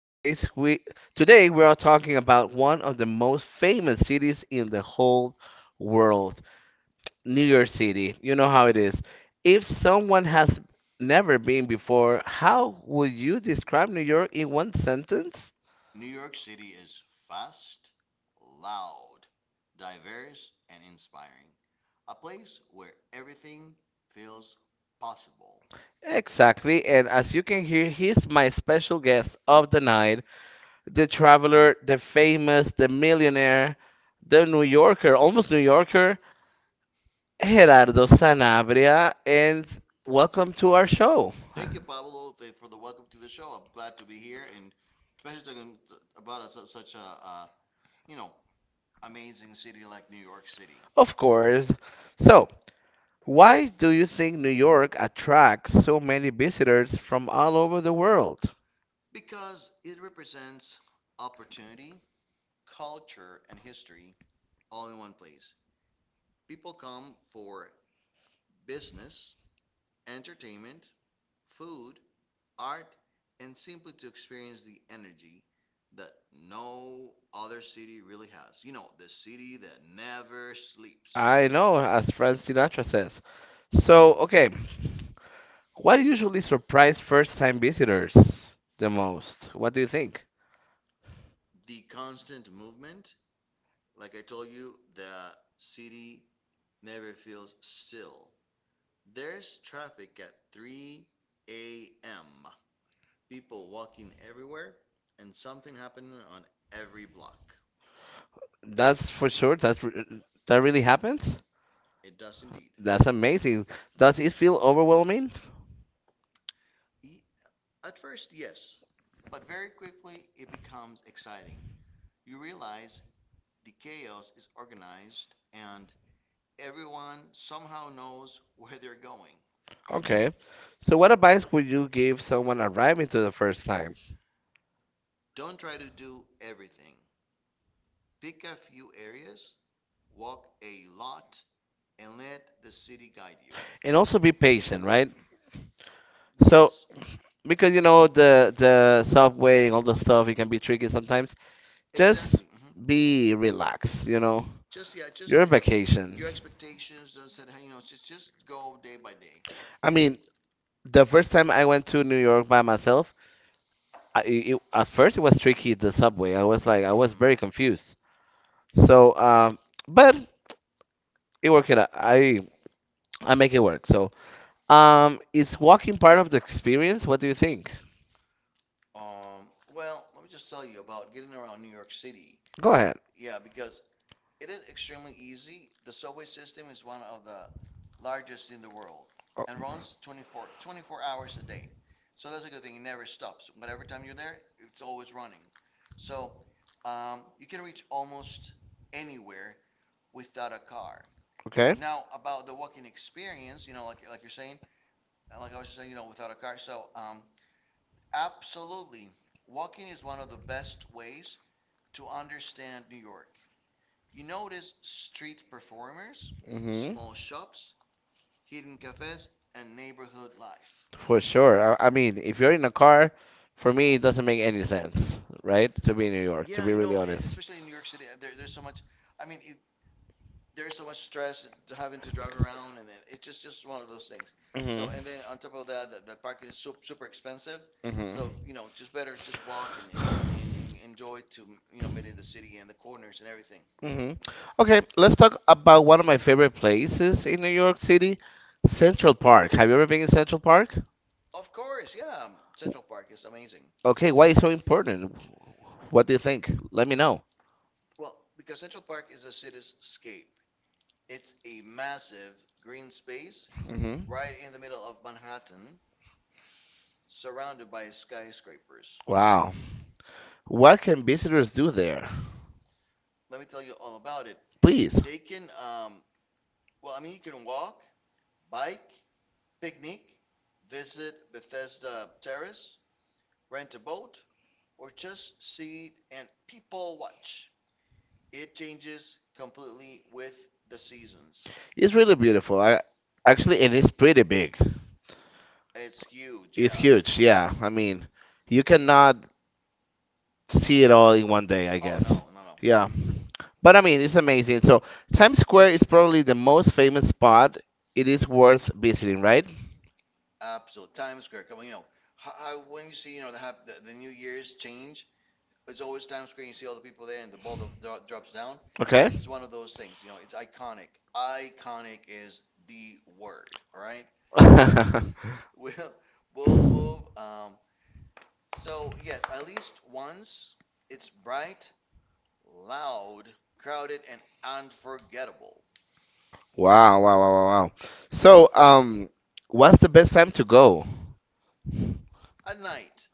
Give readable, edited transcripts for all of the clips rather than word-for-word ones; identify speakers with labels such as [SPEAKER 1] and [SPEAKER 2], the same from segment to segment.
[SPEAKER 1] Today we are talking about one of the most famous cities in the whole world, New York City. You know how it is. If someone has never been before, how would you describe New York in one sentence?
[SPEAKER 2] New York City is fast, loud, diverse, and inspiring. A place where everything feels possible.
[SPEAKER 1] Exactly, and as you can hear, he's my special guest of the night, the traveler, the famous, the millionaire, the New Yorker, almost New Yorker. Gerardo Sanabria, and welcome to our show.
[SPEAKER 2] Thank you, Pablo, for the welcome to the show. I'm glad to be here, and especially talking about such a, you know amazing city like New York City
[SPEAKER 1] Of course. So, why do you think New York attracts so many visitors from all over the world?
[SPEAKER 2] because it represents opportunity, culture, and history all in one place. People come for business, entertainment, food, art, and simply to experience the energy that no other city really has. The city that never sleeps,
[SPEAKER 1] I know, as Frank Sinatra says. So, okay, what usually surprise first-time visitors the most? What do you think?
[SPEAKER 2] the constant movement. Like I told you, the city never feels still. There's traffic at 3 a.m., people walking everywhere, and something happening on every block.
[SPEAKER 1] That's for sure. That really happens?
[SPEAKER 2] It does indeed.
[SPEAKER 1] That's amazing. Does it feel overwhelming?
[SPEAKER 2] E- At first, yes, but very quickly it becomes exciting. You realize the chaos is organized and everyone somehow knows where they're going.
[SPEAKER 1] Okay. So, what advice would you give someone arriving to the first time?
[SPEAKER 2] Don't try to do everything. Pick a few areas, walk a lot, and let the city guide you.
[SPEAKER 1] And also be patient, right? So,
[SPEAKER 2] Yes,
[SPEAKER 1] because you know the subway and all the stuff, it can be tricky sometimes. Just
[SPEAKER 2] exactly.
[SPEAKER 1] be relaxed, you know.
[SPEAKER 2] Just
[SPEAKER 1] You're on vacation.
[SPEAKER 2] your expectations. Don't set hey, you know, just Go day by day.
[SPEAKER 1] I mean, the first time I went to New York by myself, at first it was tricky, the subway. I was very
[SPEAKER 2] hmm
[SPEAKER 1] confused. So, but we work it out. I make it work. So, is walking part of the experience? What do you think?
[SPEAKER 2] Well, let me just tell you about getting around New York City.
[SPEAKER 1] Go ahead.
[SPEAKER 2] Yeah, because it is extremely easy. The subway system is one of the largest in the world
[SPEAKER 1] Oh,
[SPEAKER 2] and runs
[SPEAKER 1] 24.
[SPEAKER 2] 24 hours a day. So that's a good thing. It never stops. Whatever time you're there, it's always running. So you can reach almost anywhere without a car.
[SPEAKER 1] Okay.
[SPEAKER 2] Now about the walking experience, you know, like you're saying, like I was just saying, you know, without a car. So absolutely, walking is one of the best ways to understand New York. You notice street performers,
[SPEAKER 1] Mhm.
[SPEAKER 2] small shops, hidden cafes, and neighborhood life.
[SPEAKER 1] For sure. I mean, if you're in a car, for me, it doesn't make any sense, right? To be in New York, to
[SPEAKER 2] Yeah,
[SPEAKER 1] be
[SPEAKER 2] you
[SPEAKER 1] really
[SPEAKER 2] know, and
[SPEAKER 1] honest.
[SPEAKER 2] especially in New York City, there's so much. I mean, there's so much stress to having to drive around, and it's just one of those things.
[SPEAKER 1] So,
[SPEAKER 2] So,
[SPEAKER 1] mhm.
[SPEAKER 2] and then on top of that, the parking is super expensive.
[SPEAKER 1] Mhm.
[SPEAKER 2] So, you know, just better
[SPEAKER 1] It's
[SPEAKER 2] just walk and,
[SPEAKER 1] and,
[SPEAKER 2] and enjoy to, you know, meeting the city and the corners and everything.
[SPEAKER 1] hmm. Okay, let's talk about one of my favorite places in New York City, Central Park. Have you ever been in Central Park?
[SPEAKER 2] Of course, yeah, Central Park is amazing.
[SPEAKER 1] Okay, why is so important? What do you think? Let me know.
[SPEAKER 2] Well, because Central Park is a cityscape. It's a massive green space
[SPEAKER 1] Hmm.
[SPEAKER 2] right in the middle of Manhattan, surrounded by skyscrapers.
[SPEAKER 1] Wow. What can visitors do there?
[SPEAKER 2] Let me tell you all about it.
[SPEAKER 1] Please.
[SPEAKER 2] They can, well, I mean, you can walk, bike, picnic, visit Bethesda Terrace, rent a boat, or just sit and people watch. It changes completely with the seasons.
[SPEAKER 1] It's really beautiful. I Actually, and it's pretty big.
[SPEAKER 2] It's huge,
[SPEAKER 1] It's
[SPEAKER 2] yeah.
[SPEAKER 1] huge. Yeah. I mean, you cannot see it all in one day, I
[SPEAKER 2] Oh,
[SPEAKER 1] guess.
[SPEAKER 2] no, no, no.
[SPEAKER 1] Yeah.
[SPEAKER 2] Mhm.
[SPEAKER 1] But I mean, it's amazing. So, Times Square is probably the most famous spot. It is worth visiting, right?
[SPEAKER 2] Absolutely. Times Square. Come on, you know, when you see, you know, the New Year's change, it's always Times Square. You see all the people there and the ball that drops down.
[SPEAKER 1] Okay.
[SPEAKER 2] It's one of those things, you know, it's iconic. Iconic is the word, all right? So we'll, we'll move. So, yes, at least once, it's bright, loud, crowded, and unforgettable.
[SPEAKER 1] Wow, wow, wow, wow, wow. So, what's the best time to go?
[SPEAKER 2] At night,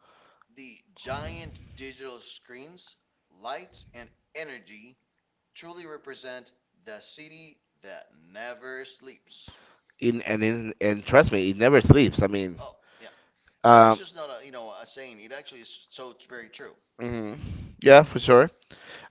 [SPEAKER 2] the giant digital screens, lights, and energy truly represent the city that never sleeps.
[SPEAKER 1] In and trust me, it never sleeps. I mean,
[SPEAKER 2] Oh, yeah. That is
[SPEAKER 1] um,
[SPEAKER 2] just not a, you know, a saying. It actually is, so it's very true.
[SPEAKER 1] mhm. Yeah, for sure.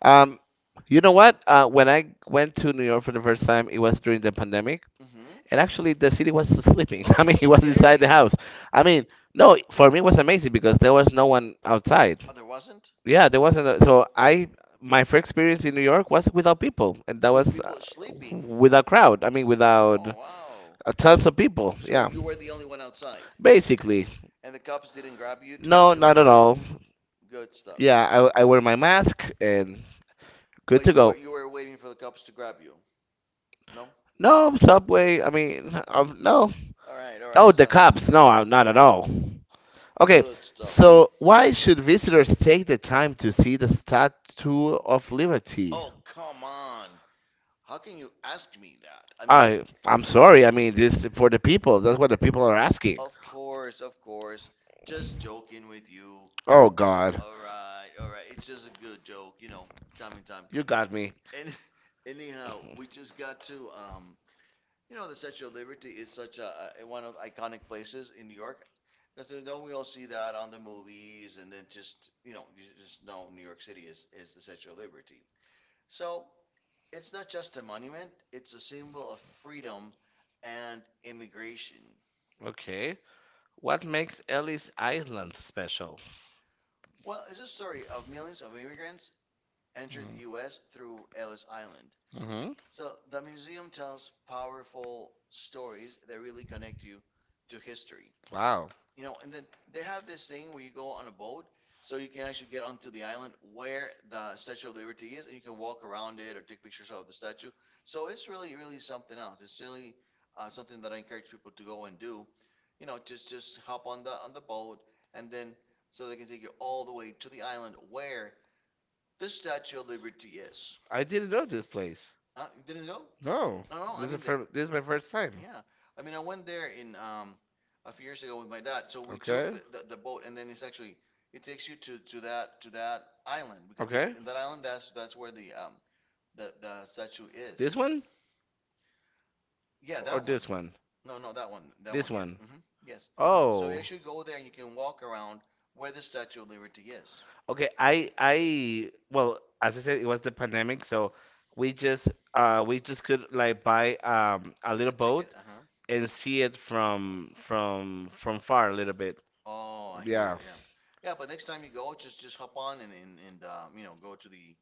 [SPEAKER 1] Um, you know what? When I went to New York for the first time, it was during the pandemic,
[SPEAKER 2] hmm
[SPEAKER 1] and actually the city was sleeping. I
[SPEAKER 2] Oh,
[SPEAKER 1] mean, it was inside the
[SPEAKER 2] scary.
[SPEAKER 1] house. I mean, no, for me it was amazing because there was no one outside.
[SPEAKER 2] Oh, there wasn't?
[SPEAKER 1] Yeah, there wasn't. My first experience in New York was without people, and that
[SPEAKER 2] With
[SPEAKER 1] was
[SPEAKER 2] people sleeping.
[SPEAKER 1] without crowd. I mean, without
[SPEAKER 2] Oh, wow.
[SPEAKER 1] tons of people.
[SPEAKER 2] So
[SPEAKER 1] Yeah,
[SPEAKER 2] you were the only one outside
[SPEAKER 1] basically.
[SPEAKER 2] and the cops didn't grab you to put
[SPEAKER 1] No,
[SPEAKER 2] you
[SPEAKER 1] not at
[SPEAKER 2] inside?
[SPEAKER 1] all.
[SPEAKER 2] Good stuff.
[SPEAKER 1] Yeah, I wear my mask and good
[SPEAKER 2] But
[SPEAKER 1] to
[SPEAKER 2] you were
[SPEAKER 1] go.
[SPEAKER 2] you were waiting for the cops to grab you. No?
[SPEAKER 1] No, subway. I mean, no. All right.
[SPEAKER 2] All right,
[SPEAKER 1] Oh, the
[SPEAKER 2] son.
[SPEAKER 1] cops. No, I not at all. Okay,
[SPEAKER 2] Good stuff.
[SPEAKER 1] so why should visitors take the time to see the Statue of Liberty?
[SPEAKER 2] Oh, come on. How can you ask me that? I mean, like,
[SPEAKER 1] I'm sorry. I mean, this for the people. That's what the people are asking.
[SPEAKER 2] of course, of course. Just joking with you.
[SPEAKER 1] Oh God,
[SPEAKER 2] All right, all right. It's just a good joke, you
[SPEAKER 1] you know,
[SPEAKER 2] know,
[SPEAKER 1] shout
[SPEAKER 2] time
[SPEAKER 1] out.
[SPEAKER 2] and time.
[SPEAKER 1] You got me.
[SPEAKER 2] And anyhow, we just got to, you know, the Statue of Liberty is such a one of the iconic places in New York. Because don't we all see that on the movies, and then just you know, you just know New York City is the Statue of Liberty. So it's not just a monument; it's a symbol of freedom and immigration.
[SPEAKER 1] Okay, what makes Ellis Island special?
[SPEAKER 2] Well, it's a story of millions of immigrants entered the US through Ellis Island.
[SPEAKER 1] Island.
[SPEAKER 2] So the museum tells powerful stories that really connect you to history.
[SPEAKER 1] Mm-hmm. Wow.
[SPEAKER 2] You know, and then they have this thing where you go on a boat so you can actually get onto the island where the Statue of Liberty is and you can walk around it or take pictures of the statue. So it's really, really something else. It's really something that I encourage people to go and do. You know, just hop on the boat and then so they can take you all the way to the island where the Statue of Liberty is.
[SPEAKER 1] I didn't know this place.
[SPEAKER 2] You didn't go?
[SPEAKER 1] No,
[SPEAKER 2] No, no. I mean, there.
[SPEAKER 1] this is my first time.
[SPEAKER 2] Yeah. I mean, I went there in a few years ago with my dad. So we took
[SPEAKER 1] Okay.
[SPEAKER 2] the boat, and then it's actually it takes you to, to that island because the
[SPEAKER 1] Okay.
[SPEAKER 2] in that island that's where the the statue
[SPEAKER 1] This
[SPEAKER 2] is.
[SPEAKER 1] one
[SPEAKER 2] Yeah,
[SPEAKER 1] or
[SPEAKER 2] that
[SPEAKER 1] that
[SPEAKER 2] one.
[SPEAKER 1] this one?
[SPEAKER 2] No, no, that one. That
[SPEAKER 1] This
[SPEAKER 2] one, yes.
[SPEAKER 1] one.
[SPEAKER 2] Yes. So
[SPEAKER 1] So
[SPEAKER 2] you
[SPEAKER 1] you
[SPEAKER 2] actually go there
[SPEAKER 1] Oh.
[SPEAKER 2] and you can walk around where the Statue of Liberty is.
[SPEAKER 1] Okay, I well, as I said, it was the pandemic, so we just we just could like buy a little
[SPEAKER 2] A
[SPEAKER 1] ticket,
[SPEAKER 2] ticket,
[SPEAKER 1] boat
[SPEAKER 2] uh-huh.
[SPEAKER 1] and see it from far a little bit.
[SPEAKER 2] Oh, I hear you.
[SPEAKER 1] Yeah.
[SPEAKER 2] Yeah. Yeah, but next time you go, just hop on and and you know, go to the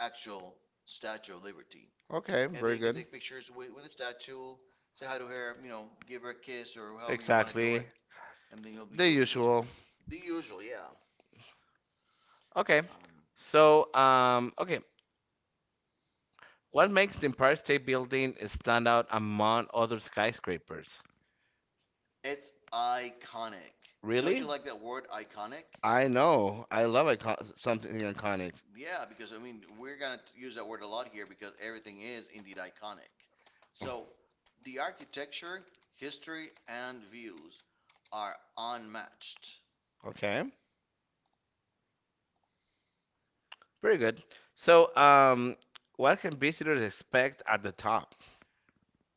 [SPEAKER 2] actual Statue of Liberty.
[SPEAKER 1] Okay,
[SPEAKER 2] And then
[SPEAKER 1] very
[SPEAKER 2] you can
[SPEAKER 1] good.
[SPEAKER 2] take pictures with the statue, say hi to her, you know, give her a kiss or however you want to do it,
[SPEAKER 1] Exactly.
[SPEAKER 2] and then
[SPEAKER 1] The
[SPEAKER 2] you'll be good to go.
[SPEAKER 1] usual.
[SPEAKER 2] The usual, yeah.
[SPEAKER 1] Okay.
[SPEAKER 2] Um,
[SPEAKER 1] So, okay. What makes the Empire State Building stand out among other skyscrapers?
[SPEAKER 2] it's iconic. Don't
[SPEAKER 1] Really?
[SPEAKER 2] you like that word iconic?
[SPEAKER 1] I know. I love icon something iconic.
[SPEAKER 2] Yeah, because I mean we're gonna use that word a lot here because everything is indeed iconic. So the architecture, history, and views are unmatched.
[SPEAKER 1] Okay. Very good. So, what can visitors expect at the top?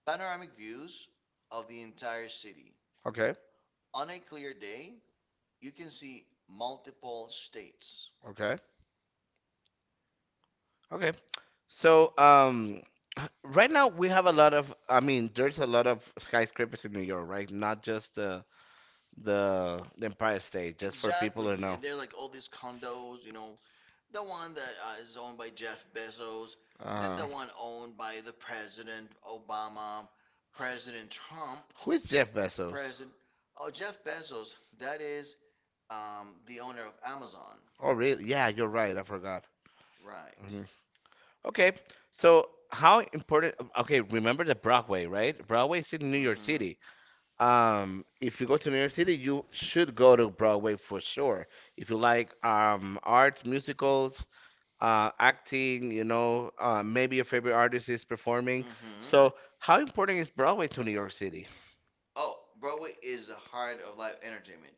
[SPEAKER 2] Panoramic views of the entire city.
[SPEAKER 1] Okay.
[SPEAKER 2] On a clear day, you can see multiple states.
[SPEAKER 1] Okay. Okay. So, right now we have a lot of, I mean, there's a lot of skyscrapers in New York, right? Not just the the Empire State, just for people who
[SPEAKER 2] Exactly.
[SPEAKER 1] know.
[SPEAKER 2] And they're like all these condos, you know, the one that is owned by Jeff Bezos, then
[SPEAKER 1] Uh,
[SPEAKER 2] the one owned by the President Obama, President Trump,
[SPEAKER 1] who is Jeff Bezos?
[SPEAKER 2] President. Oh, Jeff Bezos, that is the owner of Amazon.
[SPEAKER 1] Oh, really? Yeah, you're right. I forgot.
[SPEAKER 2] Right.
[SPEAKER 1] Mhm. Okay, so how important? Okay, remember the Broadway, right? Broadway is in New York
[SPEAKER 2] hmm
[SPEAKER 1] City. If you go to New York City, you should go to Broadway for sure. If you like arts, musicals, acting, maybe your favorite artist is performing.
[SPEAKER 2] Mm-hmm.
[SPEAKER 1] So, how important is Broadway to New York City?
[SPEAKER 2] Oh, Broadway is the heart of live entertainment.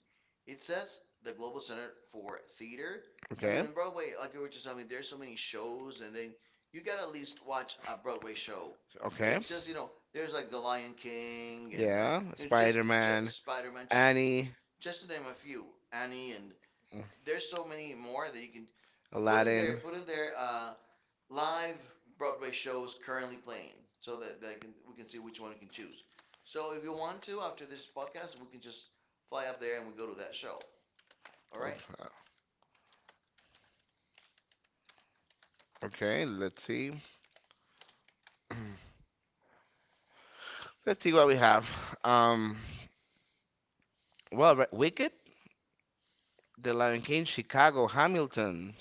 [SPEAKER 2] It says the global center for theater. I mean,
[SPEAKER 1] Okay.
[SPEAKER 2] in Broadway, like you were just telling me, there's so many shows, and then you gotta at least watch a Broadway show.
[SPEAKER 1] Okay.
[SPEAKER 2] It's just you know, there's like The Lion King and
[SPEAKER 1] Yeah.
[SPEAKER 2] you know, just Spider-Man,
[SPEAKER 1] Annie,
[SPEAKER 2] just to name a few, Annie, and
[SPEAKER 1] mm,
[SPEAKER 2] there's so many more that you can
[SPEAKER 1] Aladdin.
[SPEAKER 2] put in there. Live Broadway shows currently playing, so that they can we can see which one we can choose. So if you want to, after this podcast, we can just fly up there and we go to that show. All right.
[SPEAKER 1] Okay, let's see. Let's see what we have. Um, well, Wicked, The Lion King, Chicago, Hamilton.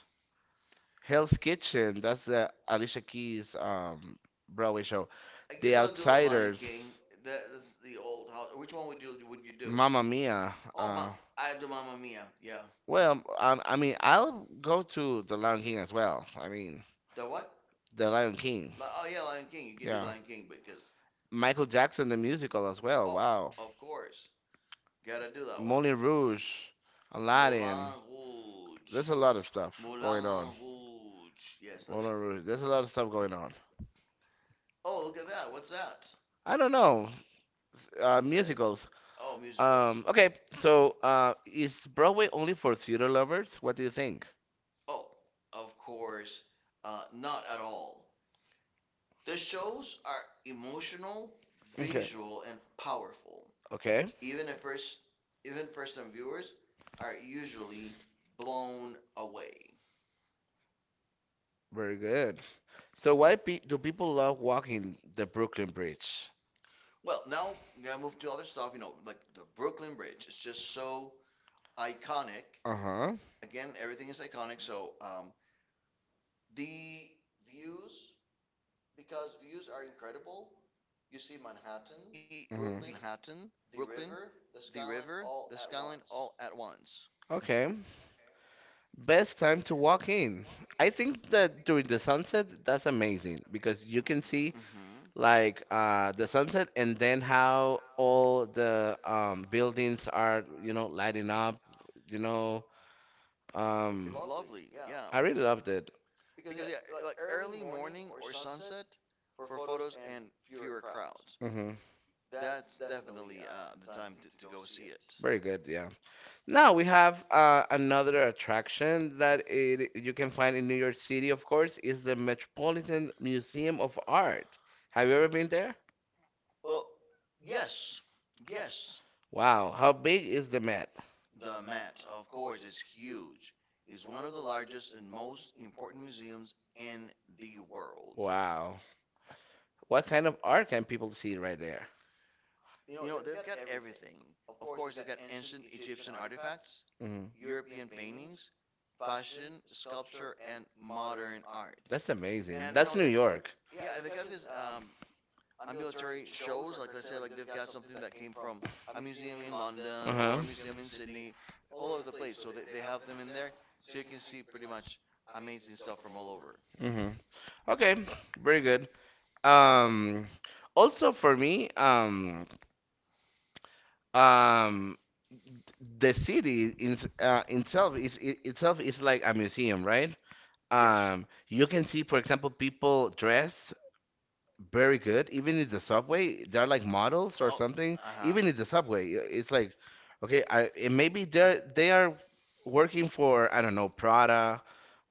[SPEAKER 1] Hell's Kitchen. That's the Alicia Keys Broadway show.
[SPEAKER 2] I
[SPEAKER 1] The
[SPEAKER 2] guess I'll do the Lion
[SPEAKER 1] Outsiders.
[SPEAKER 2] King. That is the old house. Which one would you do?
[SPEAKER 1] Mamma Mia.
[SPEAKER 2] Oh my, I do Mamma Mia. Yeah.
[SPEAKER 1] Well, I mean, I'll go to The Lion King as well. I mean,
[SPEAKER 2] The what?
[SPEAKER 1] The Lion King.
[SPEAKER 2] Oh yeah, Lion King. You can do
[SPEAKER 1] Yeah.
[SPEAKER 2] Lion King because.
[SPEAKER 1] Michael Jackson, the musical as well.
[SPEAKER 2] Oh,
[SPEAKER 1] Wow.
[SPEAKER 2] of course. Gotta do that one.
[SPEAKER 1] Moulin Rouge, Aladdin.
[SPEAKER 2] Moulin
[SPEAKER 1] There's
[SPEAKER 2] Rouge.
[SPEAKER 1] a lot of stuff going on.
[SPEAKER 2] Moulin Rouge. Yes.
[SPEAKER 1] Moulin Rouge. There's a lot of stuff going on.
[SPEAKER 2] Oh, look at that. What's that?
[SPEAKER 1] I don't know.
[SPEAKER 2] It says-
[SPEAKER 1] Musicals.
[SPEAKER 2] Oh, musicals.
[SPEAKER 1] Okay, so is Broadway only for theater lovers?
[SPEAKER 2] Arts
[SPEAKER 1] What do
[SPEAKER 2] working?
[SPEAKER 1] you think?
[SPEAKER 2] Oh, of course, not at all. The shows are emotional,
[SPEAKER 1] Okay.
[SPEAKER 2] visual, and powerful.
[SPEAKER 1] Okay,
[SPEAKER 2] Even at first, Even first-time viewers are usually blown away.
[SPEAKER 1] very good. So why pe do people love walking the Brooklyn Bridge?
[SPEAKER 2] Well, now we gotta move to other stuff. You know, like the Brooklyn Bridge. It's just so iconic.
[SPEAKER 1] Uh-huh.
[SPEAKER 2] Again, everything is iconic. So the views, because views are incredible. You see Manhattan,
[SPEAKER 1] Hmm.
[SPEAKER 2] Brooklyn, the river, the skyline all at once.
[SPEAKER 1] Okay. Best time to walk in. I think that during the sunset, that's amazing because you can see
[SPEAKER 2] hmm
[SPEAKER 1] like the sunset and then how all the buildings are, lighting up, you know, Um,
[SPEAKER 2] It's lovely, yeah.
[SPEAKER 1] I really loved it.
[SPEAKER 2] Because yeah, like early morning or sunset for photos and fewer crowds.
[SPEAKER 1] Hmm.
[SPEAKER 2] That's definitely the time to go see it.
[SPEAKER 1] Very good, yeah. Now we have another attraction you can find in New York City, of course, is the Metropolitan Museum of Art. Have you ever been there?
[SPEAKER 2] Well, yes, yes.
[SPEAKER 1] Wow, how big is the Met?
[SPEAKER 2] The Met, of course, is huge. It's one of the largest and most important museums in the world.
[SPEAKER 1] Wow. What kind of art can people see right there?
[SPEAKER 2] You know, they've got everything. Of course, they've got ancient Egyptian artifacts,
[SPEAKER 1] Hmm.
[SPEAKER 2] European paintings, fashion, sculpture, and modern art.
[SPEAKER 1] That's And amazing.
[SPEAKER 2] And you
[SPEAKER 1] That's
[SPEAKER 2] know,
[SPEAKER 1] New a, York.
[SPEAKER 2] yeah, and they got these ambulatory shows. Like I us say, like they've got something that came from a museum in London
[SPEAKER 1] Uh-huh.
[SPEAKER 2] or a museum in Sydney, all over the place. So they have them in there, so you can see pretty much amazing stuff from all over.
[SPEAKER 1] Museum. Hmm. Okay, very good. Um, Also for me, um the city in, itself is I itself is like a museum, right? You can see, for example, people dressed very good, even in the subway. They're like models or something. Even in the subway, it's like, okay, I and maybe they are working for I don't know Prada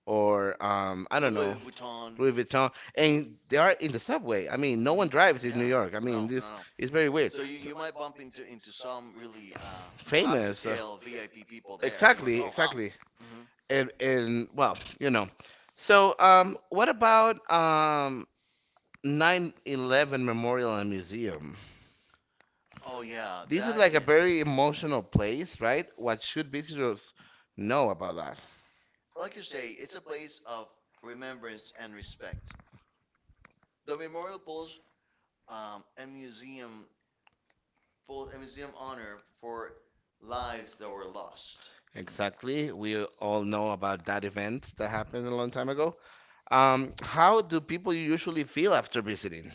[SPEAKER 1] or I
[SPEAKER 2] Know,
[SPEAKER 1] don't know
[SPEAKER 2] Vuitton.
[SPEAKER 1] Louis Vuitton, and they are in the subway. I mean, no one
[SPEAKER 2] Mhm.
[SPEAKER 1] drives in New York. I mean,
[SPEAKER 2] No, no,
[SPEAKER 1] this
[SPEAKER 2] no.
[SPEAKER 1] is very weird.
[SPEAKER 2] it's
[SPEAKER 1] So,
[SPEAKER 2] you might bump into some really
[SPEAKER 1] famous.
[SPEAKER 2] upscale VIP people there, exactly.
[SPEAKER 1] Exactly, exactly. And well. So, what about 9/11 Memorial and Museum?
[SPEAKER 2] Oh yeah, it's
[SPEAKER 1] This is
[SPEAKER 2] that
[SPEAKER 1] like a very emotional place, right? What should visitors know about that?
[SPEAKER 2] like you say, it's a place of remembrance and respect. The memorial pools um, a museum a museum honor for lives that were lost.
[SPEAKER 1] Exactly. We all know about that event that happened a long time ago. How do people usually feel after visiting?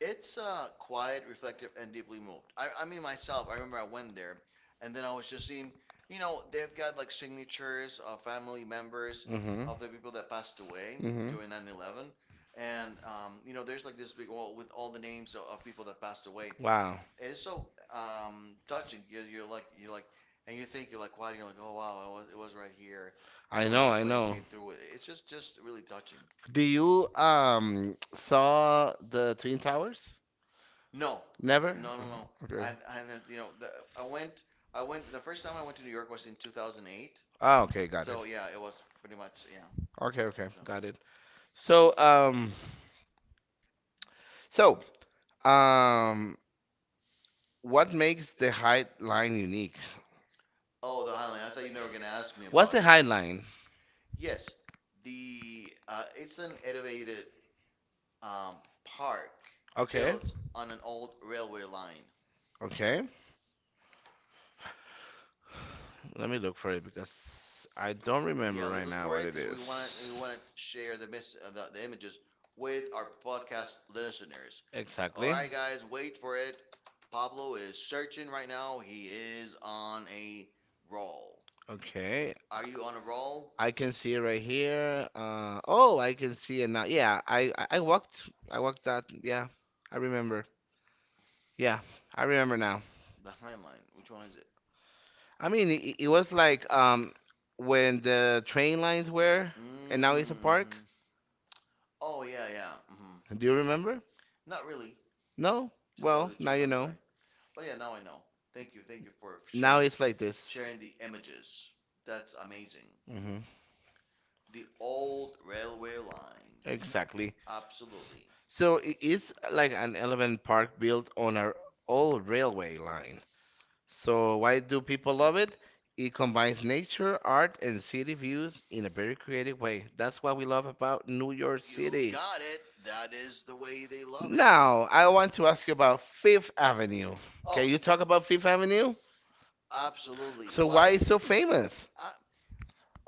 [SPEAKER 2] It's quiet, reflective, and deeply moved. I mean, myself, I remember I went there, and then I was just seeing, you know, they've got like signatures of family members
[SPEAKER 1] Mm-hmm.
[SPEAKER 2] of the people that passed away
[SPEAKER 1] Mhm.
[SPEAKER 2] during 9/11, and you know, there's like this big wall with all the names of people that passed away,
[SPEAKER 1] Wow.
[SPEAKER 2] it is so touching. You're like, and you think you're like, why? You're like, oh wow, I was, it was right here, and
[SPEAKER 1] I
[SPEAKER 2] one of
[SPEAKER 1] know,
[SPEAKER 2] those
[SPEAKER 1] I
[SPEAKER 2] planes came through. It's just really touching.
[SPEAKER 1] Do you saw the Twin Towers?
[SPEAKER 2] No,
[SPEAKER 1] Never?
[SPEAKER 2] no, no, no. I I you know the, I went I went the first time I went to New York was in 2008.
[SPEAKER 1] Ah, okay, got
[SPEAKER 2] So yeah, it was pretty much yeah.
[SPEAKER 1] Okay, okay,
[SPEAKER 2] So
[SPEAKER 1] got it. So, so, um, what makes the height line unique?
[SPEAKER 2] oh, the Highline. I thought you were never gonna ask me
[SPEAKER 1] What's the
[SPEAKER 2] about it.
[SPEAKER 1] Highline?
[SPEAKER 2] Yes, the it's an elevated park
[SPEAKER 1] Okay.
[SPEAKER 2] built on an old railway line.
[SPEAKER 1] Okay. Let me look for it because I don't remember
[SPEAKER 2] Yeah,
[SPEAKER 1] right
[SPEAKER 2] let's look
[SPEAKER 1] now
[SPEAKER 2] for
[SPEAKER 1] what
[SPEAKER 2] it
[SPEAKER 1] it
[SPEAKER 2] because we
[SPEAKER 1] is.
[SPEAKER 2] want to share the, the images with our podcast listeners. All
[SPEAKER 1] Exactly.
[SPEAKER 2] right, guys, wait for it. Pablo is searching right now. He is on a roll.
[SPEAKER 1] Okay.
[SPEAKER 2] Are you on a roll?
[SPEAKER 1] I can see it right here. Oh, I can see it now. Yeah, I walked that. Yeah, I remember. Yeah, I remember now.
[SPEAKER 2] The Heinlein. Which one is it?
[SPEAKER 1] I mean, it was like when the train lines were and now it's a park.
[SPEAKER 2] Mm-hmm. Oh yeah, yeah.
[SPEAKER 1] Do you remember?
[SPEAKER 2] Not really,
[SPEAKER 1] No?
[SPEAKER 2] to tell
[SPEAKER 1] Well,
[SPEAKER 2] you the
[SPEAKER 1] now
[SPEAKER 2] truth.
[SPEAKER 1] you
[SPEAKER 2] I'm
[SPEAKER 1] know.
[SPEAKER 2] sorry, but yeah, now I know. Thank you, for
[SPEAKER 1] Now sharing
[SPEAKER 2] sharing,
[SPEAKER 1] it's like this.
[SPEAKER 2] sharing the images. That's amazing.
[SPEAKER 1] Hmm.
[SPEAKER 2] The old railway line.
[SPEAKER 1] Exactly.
[SPEAKER 2] Absolutely.
[SPEAKER 1] So it is like an elephant park built on our old railway line. So why do people love it? It combines nature, art, and city views in a very creative way. That's what we love about New York You
[SPEAKER 2] You
[SPEAKER 1] City.
[SPEAKER 2] got it. That is the way they love it.
[SPEAKER 1] Now, I want to ask you about Fifth Avenue. Can
[SPEAKER 2] Oh,
[SPEAKER 1] Oh, you talk about Fifth Avenue? Really.
[SPEAKER 2] absolutely.
[SPEAKER 1] So why
[SPEAKER 2] Why?
[SPEAKER 1] it's so famous?
[SPEAKER 2] I,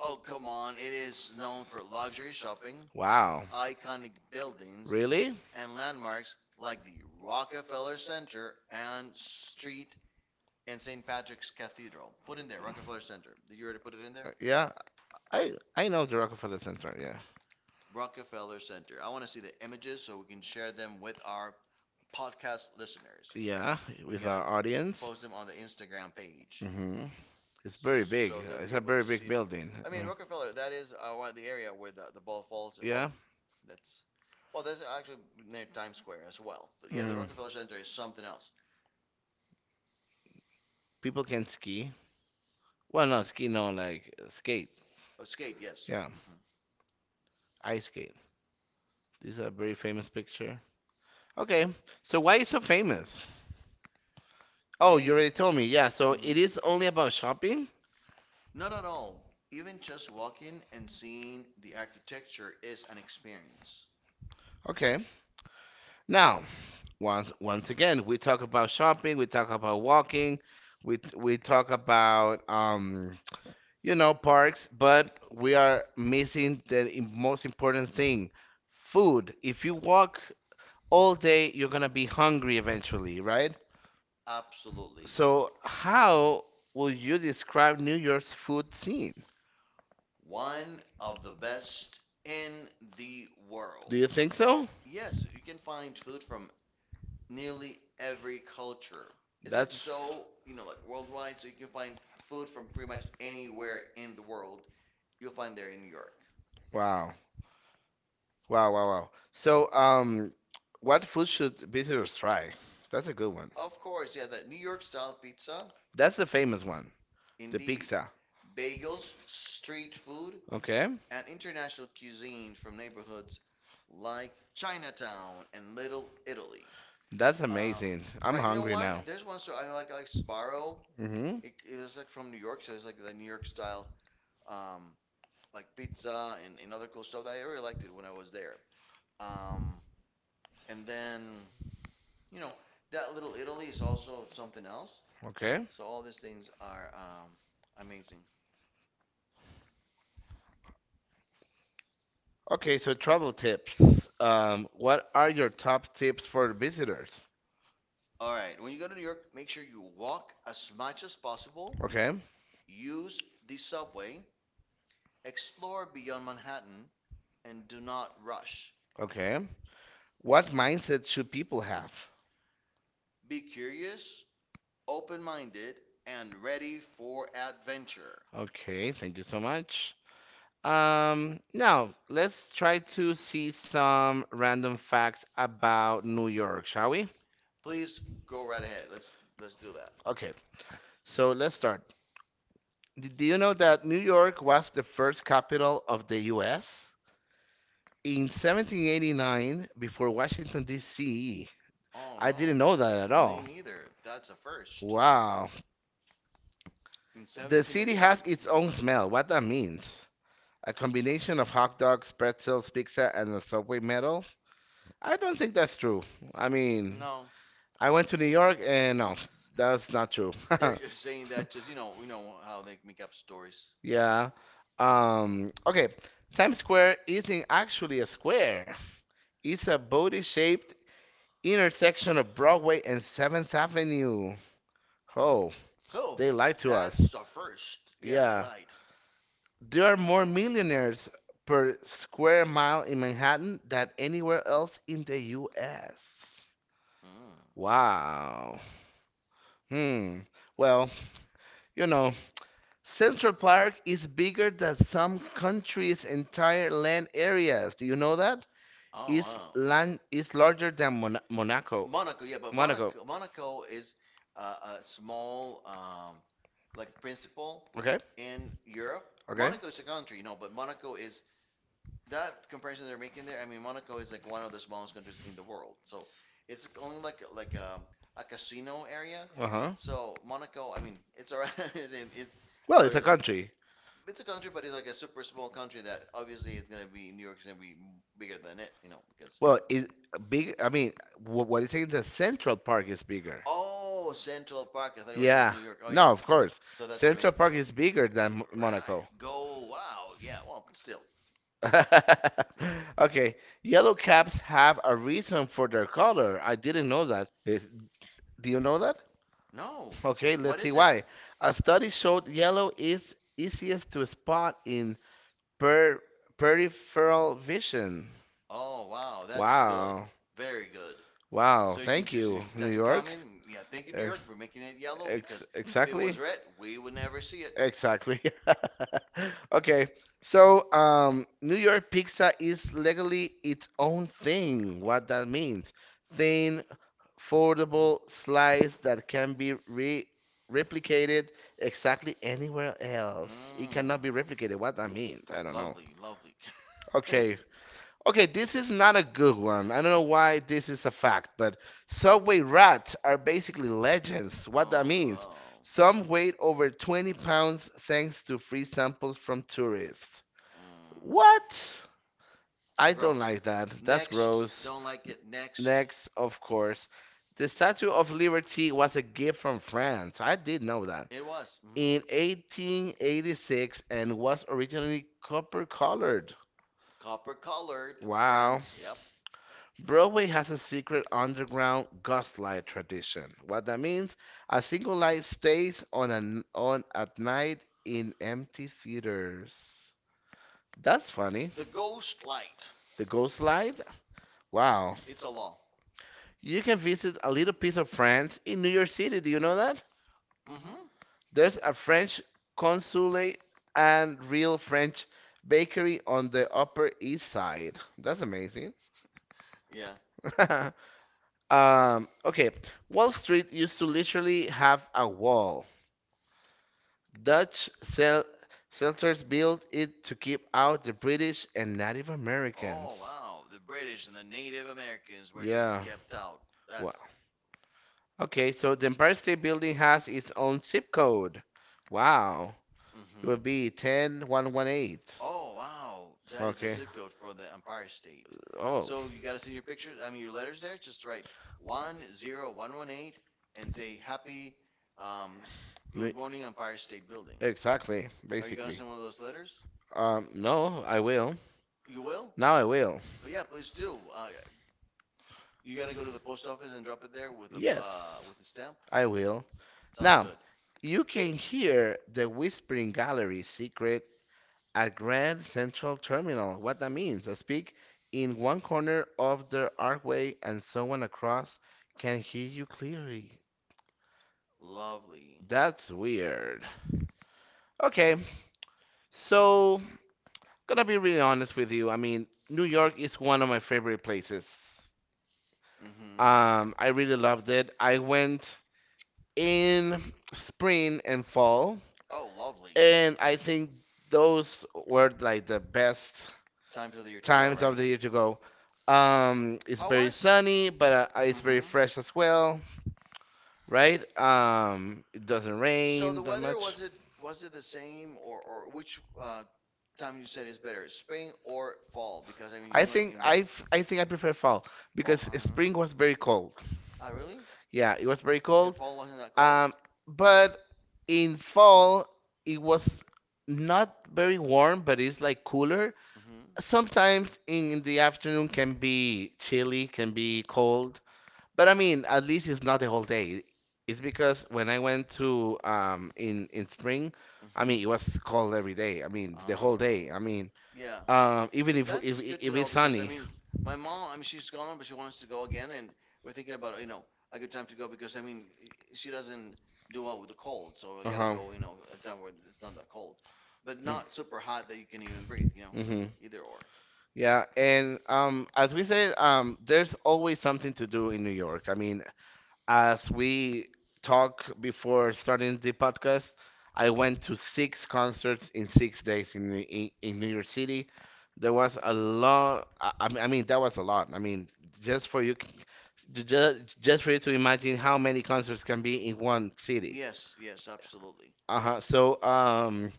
[SPEAKER 2] oh, come on. It is known for luxury shopping,
[SPEAKER 1] Wow.
[SPEAKER 2] iconic buildings,
[SPEAKER 1] Really?
[SPEAKER 2] and landmarks like the Rockefeller Center and Street and St. Patrick's Cathedral. Put in there, Rockefeller Center. Did you already put it in there?
[SPEAKER 1] Yeah, I know the Rockefeller Center. Yeah,
[SPEAKER 2] Rockefeller Center. I want to see the images so we can share them with our podcast listeners.
[SPEAKER 1] yeah,
[SPEAKER 2] We're
[SPEAKER 1] with
[SPEAKER 2] gonna
[SPEAKER 1] our audience.
[SPEAKER 2] post them on the Instagram page,
[SPEAKER 1] Hmm. It's very big.
[SPEAKER 2] so they'll
[SPEAKER 1] It's
[SPEAKER 2] be
[SPEAKER 1] a
[SPEAKER 2] able
[SPEAKER 1] very
[SPEAKER 2] to see
[SPEAKER 1] big
[SPEAKER 2] it.
[SPEAKER 1] building.
[SPEAKER 2] I mean,
[SPEAKER 1] Mm.
[SPEAKER 2] Rockefeller. That is the area where the ball falls. Well,
[SPEAKER 1] Yeah,
[SPEAKER 2] that's actually near Times Square as well. But yeah, the
[SPEAKER 1] mm.
[SPEAKER 2] Rockefeller Center is something else.
[SPEAKER 1] People can ski. Well, no, ski, no, like skate.
[SPEAKER 2] Oh,
[SPEAKER 1] Is
[SPEAKER 2] skate, yes.
[SPEAKER 1] Yeah, ice skate. This is a very famous picture. Okay, so why is so famous? Oh, you
[SPEAKER 2] The
[SPEAKER 1] already told me. Yeah, so
[SPEAKER 2] Mhm.
[SPEAKER 1] it is only about shopping.
[SPEAKER 2] Not at all. Even just walking and seeing the architecture is an experience.
[SPEAKER 1] Okay. Now, once again we talk about shopping, we talk about walking, we talk about parks, but we are missing the most important thing, food. If you walk all day, you're gonna be hungry eventually, right?
[SPEAKER 2] Absolutely.
[SPEAKER 1] So, how will you describe New York's food scene?
[SPEAKER 2] One of the best in the
[SPEAKER 1] Do
[SPEAKER 2] world.
[SPEAKER 1] you think so?
[SPEAKER 2] Yes, you can find food from nearly every culture. It's like
[SPEAKER 1] That's
[SPEAKER 2] so, you know, like worldwide, so you can find food from pretty much anywhere in the world. You'll find there in New York.
[SPEAKER 1] wow. Wow, wow, wow. So, what food should visitors try? That's a good one.
[SPEAKER 2] Of course, yeah, that New York style pizza,
[SPEAKER 1] That's the famous one, the
[SPEAKER 2] indeed.
[SPEAKER 1] pizza.
[SPEAKER 2] Bagels, street food,
[SPEAKER 1] Okay,
[SPEAKER 2] and international cuisine from neighborhoods like Chinatown and Little Italy.
[SPEAKER 1] that's
[SPEAKER 2] Um,
[SPEAKER 1] amazing. I'm
[SPEAKER 2] right, you know
[SPEAKER 1] hungry
[SPEAKER 2] one.
[SPEAKER 1] now.
[SPEAKER 2] There's one store I like Sbarro.
[SPEAKER 1] Mm-hmm.
[SPEAKER 2] It was like from New York, so it's like the New York style, um, like pizza and other cool stuff that I really liked it when I was there. Um, and then you know that Little Italy is also something else.
[SPEAKER 1] Okay.
[SPEAKER 2] So all these things are amazing.
[SPEAKER 1] Okay, so travel tips. What are your top tips for visitors?
[SPEAKER 2] All right, when you go to New York, make sure you walk as much as possible.
[SPEAKER 1] Okay.
[SPEAKER 2] Use the subway. Explore beyond Manhattan and do not rush.
[SPEAKER 1] Okay. What mindset should people have?
[SPEAKER 2] Be curious, open minded, and ready for adventure.
[SPEAKER 1] Okay, thank you so much. Now let's try to see some random facts about New York, shall we?
[SPEAKER 2] Please go right ahead. Let's do that.
[SPEAKER 1] Okay, so let's start. Do you know that New York was the first capital of the US? In 1789, before Washington, D.C.
[SPEAKER 2] Oh
[SPEAKER 1] I
[SPEAKER 2] no.
[SPEAKER 1] didn't know that at
[SPEAKER 2] Me
[SPEAKER 1] all.
[SPEAKER 2] neither. That's a first.
[SPEAKER 1] Wow.
[SPEAKER 2] In
[SPEAKER 1] The city
[SPEAKER 2] 1789.
[SPEAKER 1] has its
[SPEAKER 2] Mhm.
[SPEAKER 1] own smell. What that means? A combination of hot dogs, pretzels, pizza, and a subway metal? I don't think that's true. I mean,
[SPEAKER 2] No,
[SPEAKER 1] I went to New York and no, that's not true.
[SPEAKER 2] they're just saying that, just you know how they make up stories.
[SPEAKER 1] Yeah. Okay. Times Square isn't actually a square. It's a body-shaped intersection of Broadway and 7th Avenue. Oh,
[SPEAKER 2] Oh,
[SPEAKER 1] they lied to us.
[SPEAKER 2] that's a first. Yeah, they
[SPEAKER 1] Yeah.
[SPEAKER 2] lied.
[SPEAKER 1] There are more millionaires per square mile in Manhattan than anywhere else in the US.
[SPEAKER 2] Mm.
[SPEAKER 1] Wow. Hmm. Well, you know, Central Park is bigger than some countries' entire land areas. Do you know that?
[SPEAKER 2] Oh
[SPEAKER 1] Is
[SPEAKER 2] wow.
[SPEAKER 1] land is larger than Monaco.
[SPEAKER 2] Monaco. Yeah, but
[SPEAKER 1] Monaco.
[SPEAKER 2] Monaco. Monaco is a small like principal
[SPEAKER 1] Okay.
[SPEAKER 2] in Europe.
[SPEAKER 1] Okay.
[SPEAKER 2] Monaco is a country, you know, but Monaco is that comparison they're making there. I mean, Monaco is like one of the smallest countries in the world, so it's only like a casino area.
[SPEAKER 1] Uh huh.
[SPEAKER 2] So Monaco, I mean, it's around it's
[SPEAKER 1] Well,
[SPEAKER 2] well,
[SPEAKER 1] it's a
[SPEAKER 2] larger.
[SPEAKER 1] country.
[SPEAKER 2] It's a country, but it's like a super small country that obviously it's gonna be, New York's gonna be bigger than it, you know, because
[SPEAKER 1] Well, is big. I mean, what is saying is that Central Park is bigger.
[SPEAKER 2] oh, Central Park. I thought it was just
[SPEAKER 1] Yeah,
[SPEAKER 2] New
[SPEAKER 1] talking
[SPEAKER 2] York. Oh
[SPEAKER 1] about
[SPEAKER 2] yeah,
[SPEAKER 1] no, okay, of course, so
[SPEAKER 2] so that's
[SPEAKER 1] Central
[SPEAKER 2] amazing,
[SPEAKER 1] Europe. Park is bigger than
[SPEAKER 2] right?
[SPEAKER 1] Monaco.
[SPEAKER 2] Go wow, yeah. Well, still, yeah.
[SPEAKER 1] Okay, yellow caps have a reason for their color. I didn't know that. If, do you know that?
[SPEAKER 2] No,
[SPEAKER 1] Okay,
[SPEAKER 2] what
[SPEAKER 1] let's see
[SPEAKER 2] is it?
[SPEAKER 1] why. A study showed yellow is easiest to spot in per peripheral vision. Oh,
[SPEAKER 2] Oh wow, that's good,
[SPEAKER 1] wow.
[SPEAKER 2] very good.
[SPEAKER 1] Wow,
[SPEAKER 2] So you can
[SPEAKER 1] thank
[SPEAKER 2] just, you
[SPEAKER 1] you,
[SPEAKER 2] know,
[SPEAKER 1] New
[SPEAKER 2] text a
[SPEAKER 1] York.
[SPEAKER 2] comment. Yeah, thank you New
[SPEAKER 1] Ex
[SPEAKER 2] York for making it yellow
[SPEAKER 1] ex
[SPEAKER 2] because if it was
[SPEAKER 1] exactly.
[SPEAKER 2] red, we would never see it.
[SPEAKER 1] Exactly. Okay. So, New York pizza is legally its own thing. What that means? Thin, foldable slice that can be re replicated exactly anywhere else. It cannot
[SPEAKER 2] Mmm,
[SPEAKER 1] be replicated. What that means? I don't know.
[SPEAKER 2] lovely, lovely.
[SPEAKER 1] Okay. Okay, this is not a good one. I don't know why this is a fact, but subway rats are basically legends. What that
[SPEAKER 2] Oh
[SPEAKER 1] means?
[SPEAKER 2] wow.
[SPEAKER 1] Some weighed over 20 pounds thanks to free samples from tourists.
[SPEAKER 2] Mm.
[SPEAKER 1] What? I don't
[SPEAKER 2] Gross.
[SPEAKER 1] like that. That's
[SPEAKER 2] Next,
[SPEAKER 1] gross.
[SPEAKER 2] don't like it. Next,
[SPEAKER 1] Next, of course, the Statue of Liberty was a gift from France. I did know that.
[SPEAKER 2] it was.
[SPEAKER 1] In 1886 and was originally copper colored.
[SPEAKER 2] Copper colored,
[SPEAKER 1] Wow.
[SPEAKER 2] France. Yep.
[SPEAKER 1] Broadway has a secret underground gaslight tradition. What that means, a single light stays on at night in empty theaters. That's funny.
[SPEAKER 2] The ghost light.
[SPEAKER 1] The ghost light? Wow.
[SPEAKER 2] It's a law.
[SPEAKER 1] You can visit a little piece of France in New York City. Do you know that?
[SPEAKER 2] mm hmm
[SPEAKER 1] There's a French consulate and real French bakery on the Upper East Side. That's amazing.
[SPEAKER 2] Yeah.
[SPEAKER 1] Okay. Wall Street used to literally have a wall. Dutch settlers built it to keep out the British and Native Oh
[SPEAKER 2] Oh,
[SPEAKER 1] Americans.
[SPEAKER 2] wow. The British and the Native Americans
[SPEAKER 1] It.
[SPEAKER 2] were to be
[SPEAKER 1] Yeah.
[SPEAKER 2] kept out.
[SPEAKER 1] Wow.
[SPEAKER 2] That's.
[SPEAKER 1] Okay, so the Empire State Building has its own zip code. Wow.
[SPEAKER 2] mm
[SPEAKER 1] It would
[SPEAKER 2] hmm
[SPEAKER 1] be 10118.
[SPEAKER 2] Oh, wow. That is the
[SPEAKER 1] Okay.
[SPEAKER 2] zip code for the Empire State.
[SPEAKER 1] Oh,
[SPEAKER 2] So you got to send your pictures, I mean, your letters there. Just write 10118 and say, happy, um,
[SPEAKER 1] me-
[SPEAKER 2] good morning, Empire State Building. Exactly.
[SPEAKER 1] exactly, gotta go
[SPEAKER 2] Are you going to
[SPEAKER 1] basically.
[SPEAKER 2] send one of those letters?
[SPEAKER 1] No, I will.
[SPEAKER 2] You will?
[SPEAKER 1] Now I will.
[SPEAKER 2] Oh, yeah, please do. You got to go to the post office and drop it there
[SPEAKER 1] Yes.
[SPEAKER 2] with a stamp?
[SPEAKER 1] I will.
[SPEAKER 2] Sounds
[SPEAKER 1] Now,
[SPEAKER 2] good.
[SPEAKER 1] you can hear the Whispering Gallery secret at Grand Central Terminal. What that means, I speak in one corner of the archway and someone across can hear you clearly.
[SPEAKER 2] Lovely.
[SPEAKER 1] That's weird. Okay, so gonna be really honest with you. I mean, New York is one of my favorite places.
[SPEAKER 2] hmm
[SPEAKER 1] I really loved it. I went in spring and fall.
[SPEAKER 2] Oh, lovely.
[SPEAKER 1] And I think those were like the best
[SPEAKER 2] Time for the year to go,
[SPEAKER 1] times of
[SPEAKER 2] right?
[SPEAKER 1] the year to go. It's
[SPEAKER 2] How
[SPEAKER 1] very
[SPEAKER 2] was?
[SPEAKER 1] sunny, but it's
[SPEAKER 2] mm
[SPEAKER 1] very
[SPEAKER 2] hmm
[SPEAKER 1] fresh as well, right? It doesn't
[SPEAKER 2] So the
[SPEAKER 1] rain that
[SPEAKER 2] weather
[SPEAKER 1] much.
[SPEAKER 2] was it the same or which time you said is better, spring or fall? Because I mean you,
[SPEAKER 1] I
[SPEAKER 2] I went
[SPEAKER 1] think
[SPEAKER 2] in both.
[SPEAKER 1] I
[SPEAKER 2] I
[SPEAKER 1] I think I
[SPEAKER 2] think
[SPEAKER 1] prefer fall
[SPEAKER 2] fall, fall,
[SPEAKER 1] because
[SPEAKER 2] because uh-huh,
[SPEAKER 1] spring
[SPEAKER 2] spring
[SPEAKER 1] was
[SPEAKER 2] was
[SPEAKER 1] very
[SPEAKER 2] very cold.
[SPEAKER 1] cold.
[SPEAKER 2] Ah, really?
[SPEAKER 1] Yeah, it was very cold.
[SPEAKER 2] If fall wasn't that cold?
[SPEAKER 1] Um, but in fall it was not very warm, but it's like cooler.
[SPEAKER 2] Mm-hmm.
[SPEAKER 1] Sometimes in the afternoon can be chilly, can be cold, but I mean, at least it's not the whole day. It's because when I went to in spring, I
[SPEAKER 2] Mm-hmm.
[SPEAKER 1] mean, it was cold every day. I mean, the whole
[SPEAKER 2] Um,
[SPEAKER 1] day. I mean,
[SPEAKER 2] yeah.
[SPEAKER 1] even
[SPEAKER 2] That's good to
[SPEAKER 1] if
[SPEAKER 2] know
[SPEAKER 1] it's
[SPEAKER 2] because I
[SPEAKER 1] sunny.
[SPEAKER 2] mean, my mom, I mean, she's gone, but she wants to go again, and we're thinking about, you know, a good time to go because I mean, she doesn't do well with the cold, so I gotta
[SPEAKER 1] Uh-huh.
[SPEAKER 2] go, you know, a time where it's not that cold, but not super hot that you can even breathe, you know, so
[SPEAKER 1] Mm-hmm.
[SPEAKER 2] either or.
[SPEAKER 1] Yeah, and as we said, there's always something to do in New York. As we talk before starting the podcast, I went to 6 concerts in 6 days in New York City. There was a lot. I mean, that was a lot. I mean, just for you, just for you to imagine how many concerts can be in one city.
[SPEAKER 2] Yes, yes, absolutely.
[SPEAKER 1] Uh-huh. So,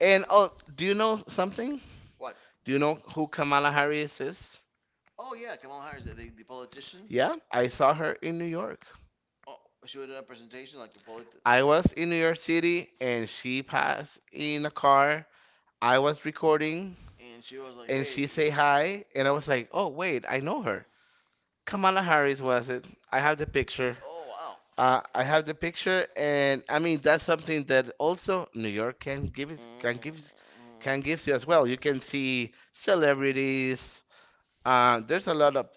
[SPEAKER 1] and oh, do you know something?
[SPEAKER 2] What?
[SPEAKER 1] Do you know who Kamala Harris is?
[SPEAKER 2] Oh yeah, Kamala Harris, the politician.
[SPEAKER 1] Yeah, I saw her in New York.
[SPEAKER 2] Oh, she was doing a presentation like a
[SPEAKER 1] I was in New York City and she passed in a car. I was recording
[SPEAKER 2] and she was like,
[SPEAKER 1] and she
[SPEAKER 2] "Hey,"
[SPEAKER 1] say hi and I was like, "Oh, wait, I know her." Kamala Harris was it? I have the picture.
[SPEAKER 2] oh wow.
[SPEAKER 1] I have the picture, and I mean that's something that also New York can give it can give
[SPEAKER 2] Mm,
[SPEAKER 1] can gives you as well. You can see celebrities. There's a lot of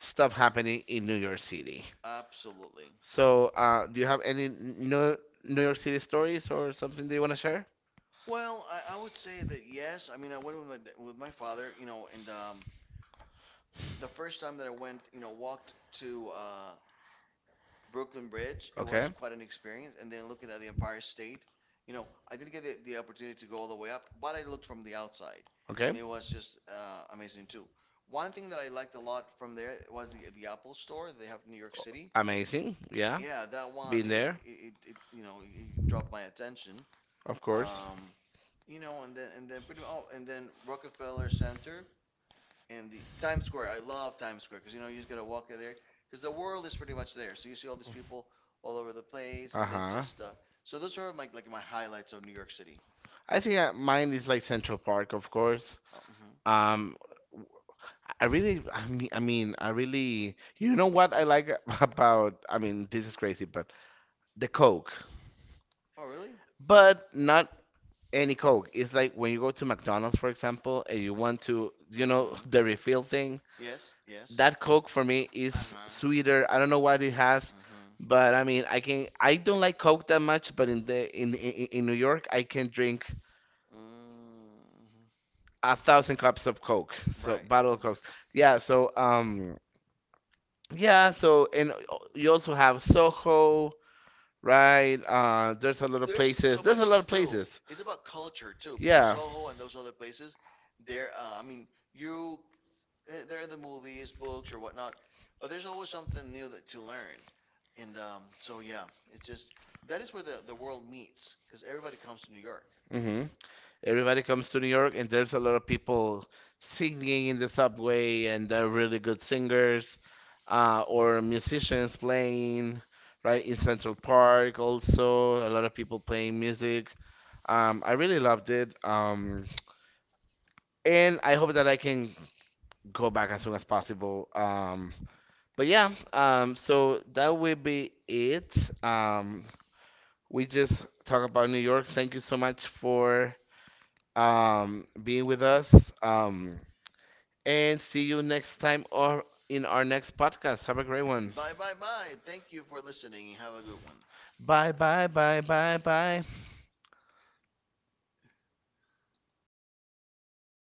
[SPEAKER 1] stuff happening in New York City.
[SPEAKER 2] absolutely.
[SPEAKER 1] So, do you have any New York City stories or something that you want to share?
[SPEAKER 2] Well, I would say that yes. I mean, I went with my, with my father, you know, and the first time that I went, you know, walked to Brooklyn Bridge, it
[SPEAKER 1] Okay.
[SPEAKER 2] was quite an experience. And then looking at the Empire State, you know, I didn't get the opportunity to go all the way up, but I looked from the outside, and
[SPEAKER 1] Okay.
[SPEAKER 2] it was just amazing too. One thing that I liked a lot from there was the Apple Store they have in New York City.
[SPEAKER 1] Amazing. Yeah.
[SPEAKER 2] Yeah, that one,
[SPEAKER 1] Been there,
[SPEAKER 2] it you know it dropped my attention.
[SPEAKER 1] of course.
[SPEAKER 2] Um, you know, and then pretty oh, and then Rockefeller Center and the Times Square. I love Times Square because you know you just gotta walk out there because the world is pretty much there. So you see all these people all over the place, and then
[SPEAKER 1] Uh-huh.
[SPEAKER 2] just so those are my like my highlights of New York City.
[SPEAKER 1] I think mine is like Central Park, of course.
[SPEAKER 2] Mhm.
[SPEAKER 1] Um, I really, I really, you know what I like about, I mean, this is crazy, but the Coke,
[SPEAKER 2] Oh, really?
[SPEAKER 1] but not any Coke. It's like when you go to McDonald's, for example, and you want to, you know,
[SPEAKER 2] Mhm.
[SPEAKER 1] the refill thing.
[SPEAKER 2] Yes, yes.
[SPEAKER 1] That Coke for me is
[SPEAKER 2] Uh-huh.
[SPEAKER 1] sweeter. I don't know what it has,
[SPEAKER 2] Mhm.
[SPEAKER 1] but I mean, I can. I don't like Coke that much, but in the in New York, I can drink
[SPEAKER 2] Mm-hmm.
[SPEAKER 1] a 1,000 cups of Coke. So
[SPEAKER 2] Right.
[SPEAKER 1] bottle of
[SPEAKER 2] Mhm.
[SPEAKER 1] Cokes. Yeah. Yeah. So and you also have Soho, right? There's a lot of
[SPEAKER 2] There's
[SPEAKER 1] places.
[SPEAKER 2] so
[SPEAKER 1] There's a
[SPEAKER 2] much
[SPEAKER 1] lot
[SPEAKER 2] to
[SPEAKER 1] of
[SPEAKER 2] do.
[SPEAKER 1] places.
[SPEAKER 2] It's about culture too, because
[SPEAKER 1] Yeah.
[SPEAKER 2] Soho and those other places, they're, I mean, you, they're in the movies, books, or whatnot, but there's always something new that to learn. And so, yeah, it's just that is where the world meets, because everybody comes to New York.
[SPEAKER 1] Mm-hmm. Everybody comes to New York, and there's a lot of people singing in the subway, and they're really good singers, or musicians playing, right, in Central Park also. A lot of people playing music. I really loved it. And I hope that I can go back as soon as possible. But yeah, so that will be it. Um, we just talk about New York. Thank you so much for being with us. And see you next time or in our next podcast. Have a great one.
[SPEAKER 2] Bye, bye, bye. Thank you for listening. Have a good one.
[SPEAKER 1] Bye, bye, bye, bye, bye.